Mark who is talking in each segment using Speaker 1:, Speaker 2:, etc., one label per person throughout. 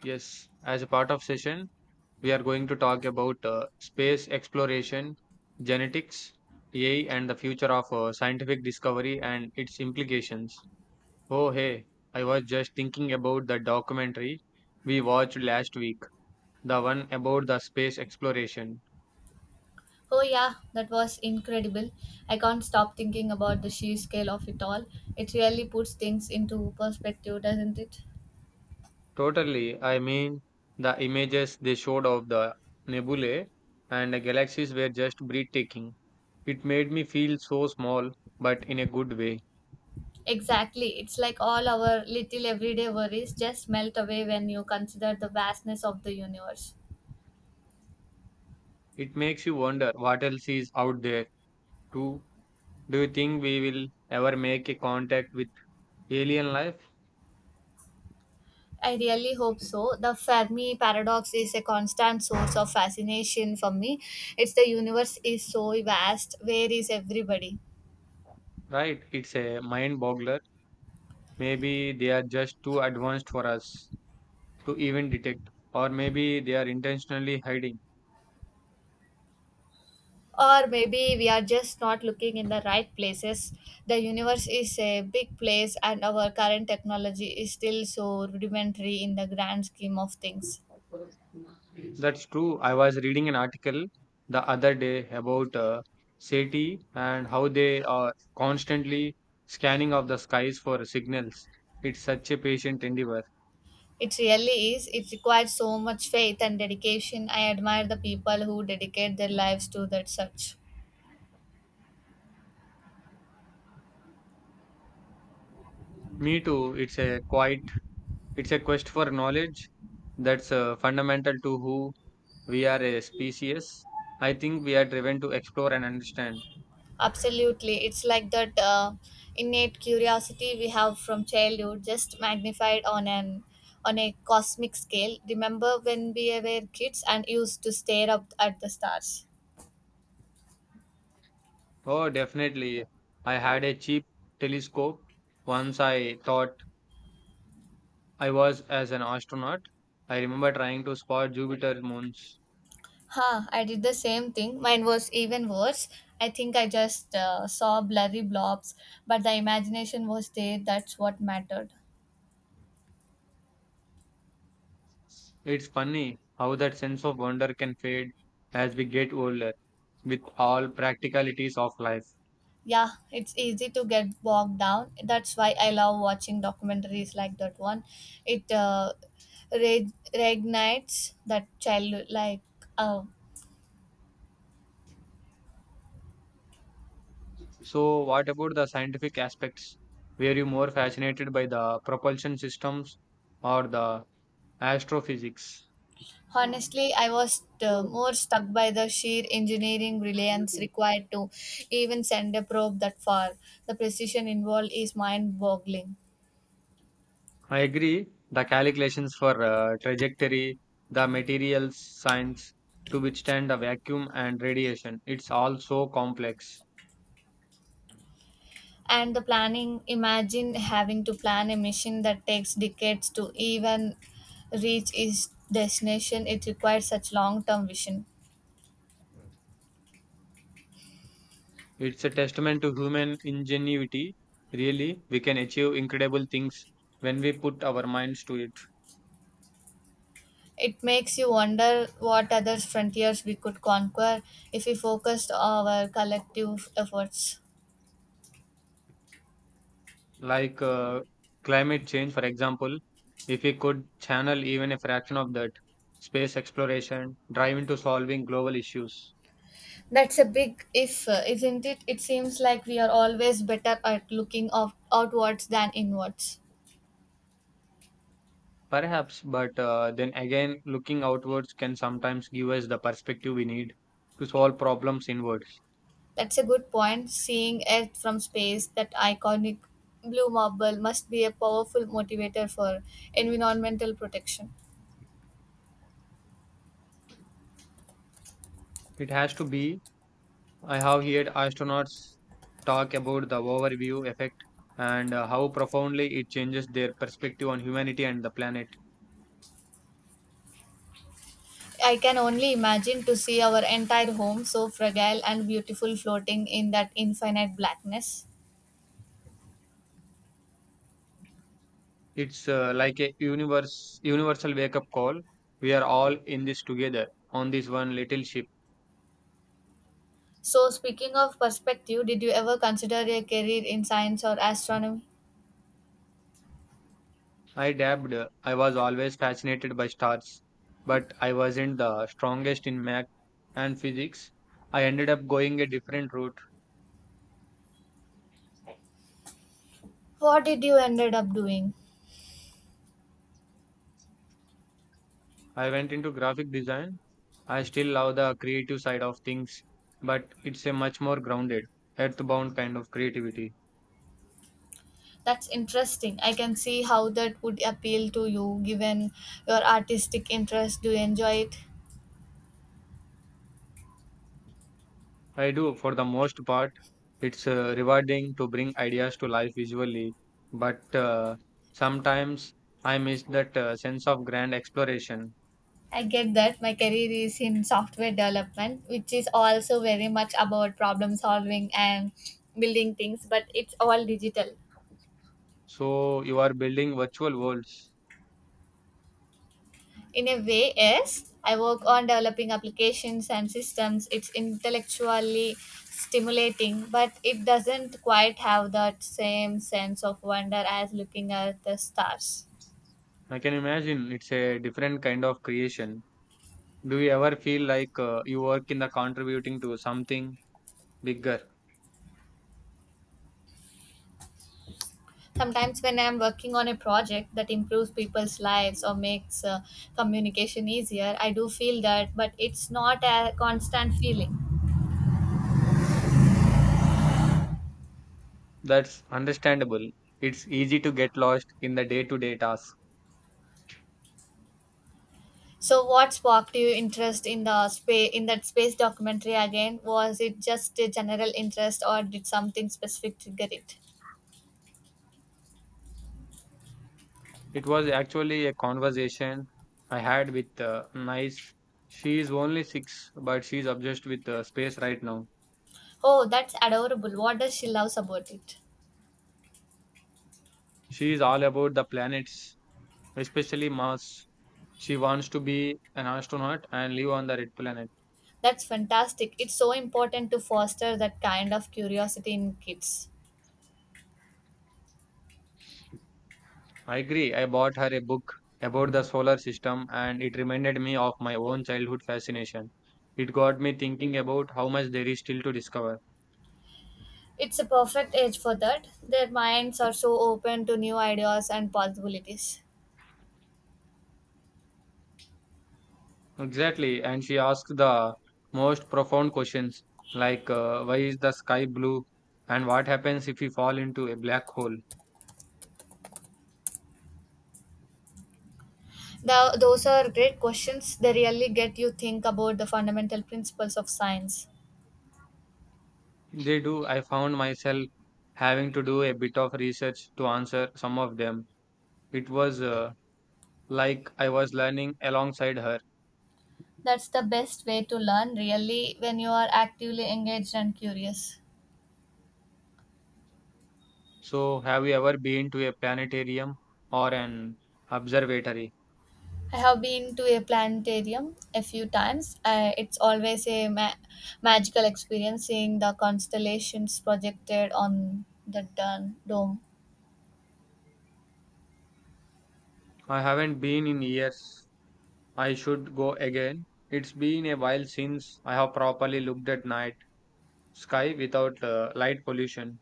Speaker 1: Yes, as a part of session, we are going to talk about space exploration, genetics, AI, and the future of scientific discovery and its implications. Oh, hey, I was just thinking about the documentary we watched last week, the one about the space exploration.
Speaker 2: Oh, yeah, that was incredible. I can't stop thinking about the sheer scale of it all. It really puts things into perspective, doesn't it?
Speaker 1: Totally, I mean, the images they showed of the nebulae and the galaxies were just breathtaking. It made me feel so small, but in a good way.
Speaker 2: Exactly. It's like all our little everyday worries just melt away when you consider the vastness of the universe.
Speaker 1: It makes you wonder what else is out there too. Do you think we will ever make a contact with alien life?
Speaker 2: I really hope so. The Fermi paradox is a constant source of fascination for me. It's the universe is so vast. Where is everybody?
Speaker 1: Right, it's a mind boggler. Maybe they are just too advanced for us to even detect, or maybe they are intentionally hiding.
Speaker 2: Or maybe we are just not looking in the right places. The universe is a big place, and our current technology is still so rudimentary in the grand scheme of things.
Speaker 1: That's true. I was reading an article the other day about SETI and how they are constantly scanning of the skies for signals. It's such a patient endeavor.
Speaker 2: It really is. It requires so much faith and dedication. I admire the people who dedicate their lives to that search.
Speaker 1: Me too. It's a quest for knowledge that's fundamental to who we are as species. I think we are driven to explore and understand.
Speaker 2: Absolutely. It's like that innate curiosity we have from childhood, just magnified on an on a cosmic scale. Remember when we were kids and used to stare up at the stars?
Speaker 1: Oh, definitely. I had a cheap telescope. Once I thought I was as an astronaut. I remember trying to spot Jupiter moons.
Speaker 2: Huh, I did the same thing. Mine was even worse. I think I just saw blurry blobs, but the imagination was there. That's what mattered.
Speaker 1: It's funny how that sense of wonder can fade as we get older with all practicalities of life.
Speaker 2: Yeah, it's easy to get bogged down. That's why I love watching documentaries like that one. It reignites that child like. Uh,
Speaker 1: So, what about the scientific aspects? Were you more fascinated by the propulsion systems or the astrophysics?
Speaker 2: Honestly, I was more stuck by the sheer engineering brilliance required to even send a probe that far. The precision involved is mind boggling.
Speaker 1: I agree. The calculations for trajectory, the materials science to withstand the vacuum and radiation. It's all so complex.
Speaker 2: And the planning, imagine having to plan a mission that takes decades to even reach its destination. It requires such long term vision.
Speaker 1: It's a testament to human ingenuity. Really, we can achieve incredible things when we put our minds to it.
Speaker 2: It makes you wonder what other frontiers we could conquer if we focused our collective efforts.
Speaker 1: Like climate change, for example, if we could channel even a fraction of that space exploration, drive into solving global issues.
Speaker 2: That's a big if, isn't it? It seems like we are always better at looking of, outwards than inwards.
Speaker 1: Perhaps, but then again, looking outwards can sometimes give us the perspective we need to solve problems inwards.
Speaker 2: That's a good point. Seeing Earth from space, that iconic blue marble, must be a powerful motivator for environmental protection.
Speaker 1: It has to be. I have heard astronauts talk about the overview effect and how profoundly it changes their perspective on humanity and the planet.
Speaker 2: I can only imagine, to see our entire home so fragile and beautiful floating in that infinite blackness.
Speaker 1: It's universal wake up call. We are all in this together on this one little ship.
Speaker 2: So, speaking of perspective, did you ever consider a career in science or astronomy?
Speaker 1: I dabbed. I was always fascinated by stars, but I wasn't the strongest in math and physics. I ended up going a different route.
Speaker 2: What did you ended up doing?
Speaker 1: I went into graphic design. I still love the creative side of things, but it's a much more grounded, earthbound kind of creativity.
Speaker 2: That's interesting. I can see how that would appeal to you given your artistic interest. Do you enjoy it?
Speaker 1: I do, for the most part. It's rewarding to bring ideas to life visually, but sometimes I miss that sense of grand exploration.
Speaker 2: I get that. My career is in software development, which is also very much about problem solving and building things, but it's all digital.
Speaker 1: So you are building virtual worlds.
Speaker 2: In a way, yes, I work on developing applications and systems. It's intellectually stimulating, but it doesn't quite have that same sense of wonder as looking at the stars.
Speaker 1: I can imagine it's a different kind of creation. Do you ever feel like you work in the contributing to something bigger?
Speaker 2: Sometimes, when I'm working on a project that improves people's lives or makes communication easier, I do feel that, but it's not a constant feeling.
Speaker 1: That's understandable. It's easy to get lost in the day-to-day tasks.
Speaker 2: So what sparked your interest in the space, in that space documentary again? Was it just a general interest, or did something specific trigger it?
Speaker 1: It was actually a conversation I had with Nice. She is only six, but she's obsessed with space right now.
Speaker 2: Oh, that's adorable. What does she loves about it?
Speaker 1: She is all about the planets, especially Mars. She wants to be an astronaut and live on the red planet.
Speaker 2: That's fantastic. It's so important to foster that kind of curiosity in kids.
Speaker 1: I agree. I bought her a book about the solar system, and it reminded me of my own childhood fascination. It got me thinking about how much there is still to discover.
Speaker 2: It's a perfect age for that. Their minds are so open to new ideas and possibilities.
Speaker 1: Exactly. And she asked the most profound questions like why is the sky blue and what happens if we fall into a black hole?
Speaker 2: Those are great questions. They really get you think about the fundamental principles of science.
Speaker 1: They do. I found myself having to do a bit of research to answer some of them. It was like I was learning alongside her.
Speaker 2: That's the best way to learn, really, when you are actively engaged and curious.
Speaker 1: So, have you ever been to a planetarium or an observatory?
Speaker 2: I have been to a planetarium a few times. It's always a magical experience, seeing the constellations projected on the dome.
Speaker 1: I haven't been in years. I should go again. It's been a while since I have properly looked at night sky without light pollution.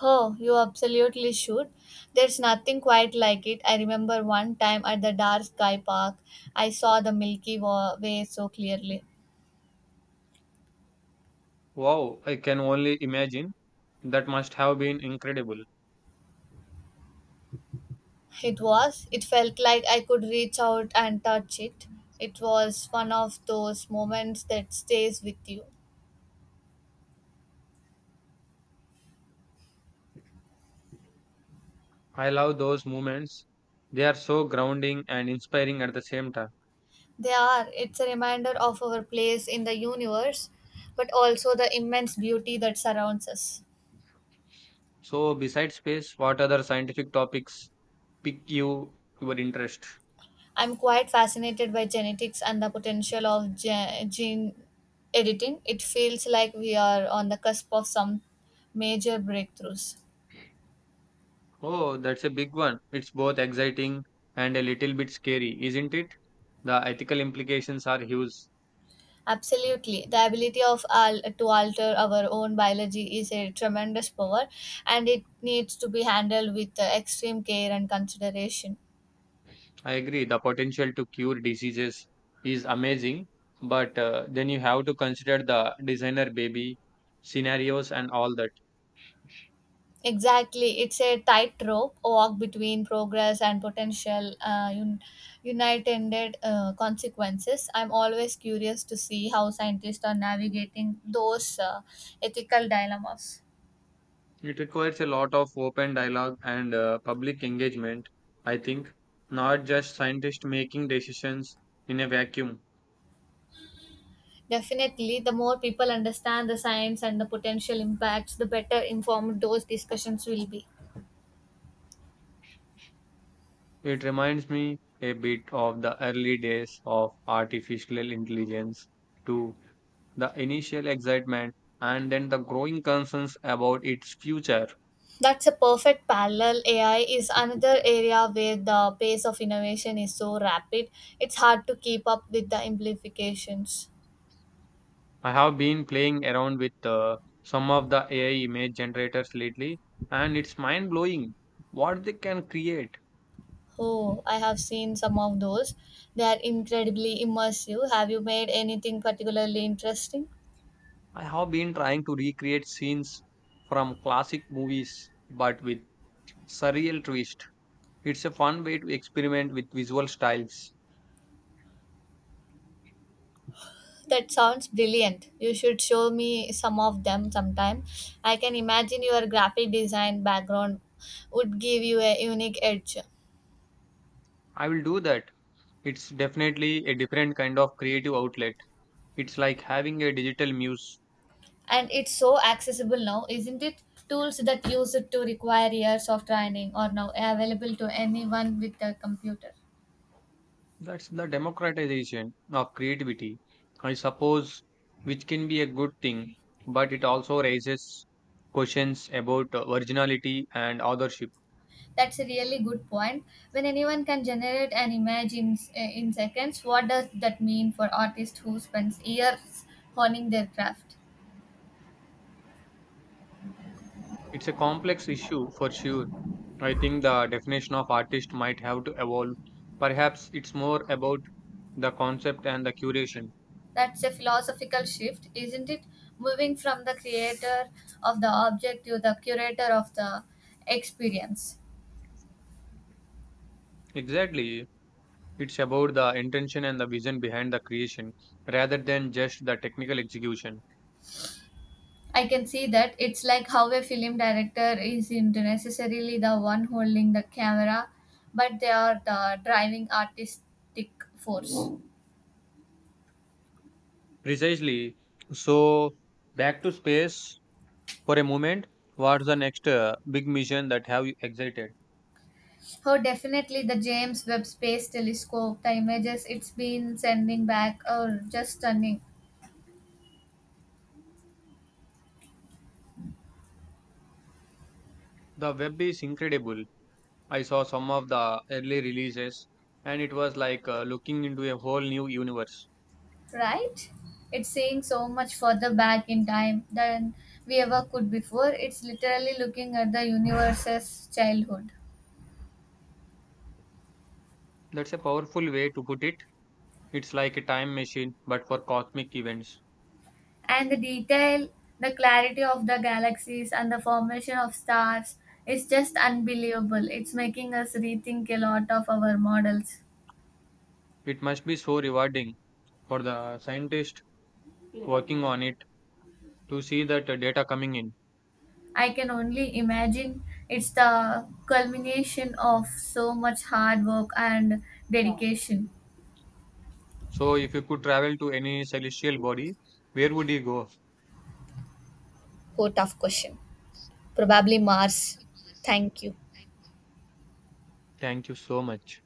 Speaker 2: Oh, you absolutely should. There's nothing quite like it. I remember one time at the dark sky park, I saw the Milky Way so clearly.
Speaker 1: Wow, I can only imagine. That must have been incredible.
Speaker 2: It was, it felt like I could reach out and touch it. It was one of those moments that stays with you.
Speaker 1: I love those moments. They are so grounding and inspiring at the same time.
Speaker 2: They are. It's a reminder of our place in the universe, but also the immense beauty that surrounds us.
Speaker 1: So, besides space, what other scientific topics pique you your interest?
Speaker 2: I'm quite fascinated by genetics and the potential of gene editing. It feels like we are on the cusp of some major breakthroughs.
Speaker 1: Oh, that's a big one. It's both exciting and a little bit scary, isn't it? The ethical implications are huge.
Speaker 2: Absolutely. The ability to alter our own biology is a tremendous power, and it needs to be handled with extreme care and consideration.
Speaker 1: I agree. The potential to cure diseases is amazing, but then you have to consider the designer baby scenarios and all that.
Speaker 2: Exactly, it's a tightrope walk between progress and potential unintended consequences. I'm always curious to see how scientists are navigating those ethical dilemmas.
Speaker 1: It requires a lot of open dialogue and public engagement, I think, not just scientists making decisions in a vacuum.
Speaker 2: Definitely, the more people understand the science and the potential impacts, the better informed those discussions will be.
Speaker 1: It reminds me a bit of the early days of artificial intelligence, too, the initial excitement and then the growing concerns about its future.
Speaker 2: That's a perfect parallel. AI is another area where the pace of innovation is so rapid, it's hard to keep up with the implications.
Speaker 1: I have been playing around with some of the AI image generators lately, and it's mind blowing what they can create.
Speaker 2: Oh, I have seen some of those. They are incredibly immersive. Have you made anything particularly interesting?
Speaker 1: I have been trying to recreate scenes from classic movies but with surreal twist. It's a fun way to experiment with visual styles.
Speaker 2: That sounds brilliant. You should show me some of them sometime. I can imagine your graphic design background would give you a unique edge.
Speaker 1: I will do that. It's definitely a different kind of creative outlet. It's like having a digital muse.
Speaker 2: And it's so accessible now, isn't it? Tools that used to require years of training are now available to anyone with a computer.
Speaker 1: That's the democratization of creativity, I suppose, which can be a good thing, but it also raises questions about originality and authorship.
Speaker 2: That's a really good point. When anyone can generate an image in seconds, what does that mean for artists who spends years honing their craft?
Speaker 1: It's a complex issue for sure. I think the definition of artist might have to evolve. Perhaps it's more about the concept and the curation.
Speaker 2: That's a philosophical shift, isn't it? Moving from the creator of the object to the curator of the experience.
Speaker 1: Exactly. It's about the intention and the vision behind the creation rather than just the technical execution.
Speaker 2: I can see that. It's like how a film director isn't necessarily the one holding the camera, but they are the driving artistic force.
Speaker 1: Precisely. So, back to space. For a moment, what's the next big mission that have you excited?
Speaker 2: Oh, definitely the James Webb Space Telescope. The images it's been sending back are just stunning,
Speaker 1: The web is incredible. I saw some of the early releases and it was like looking into a whole new universe.
Speaker 2: right? It's seeing so much further back in time than we ever could before. It's literally looking at the universe's childhood.
Speaker 1: That's a powerful way to put it. It's like a time machine but for cosmic events.
Speaker 2: And the detail, the clarity of the galaxies and the formation of stars is just unbelievable. It's making us rethink a lot of our models.
Speaker 1: It must be so rewarding for the scientist working on it to see that data coming in.
Speaker 2: I can only imagine. It's the culmination of so much hard work and dedication.
Speaker 1: So if you could travel to any celestial body, where would you go?
Speaker 2: Oh, tough question. Probably Mars. Thank you.
Speaker 1: Thank you so much.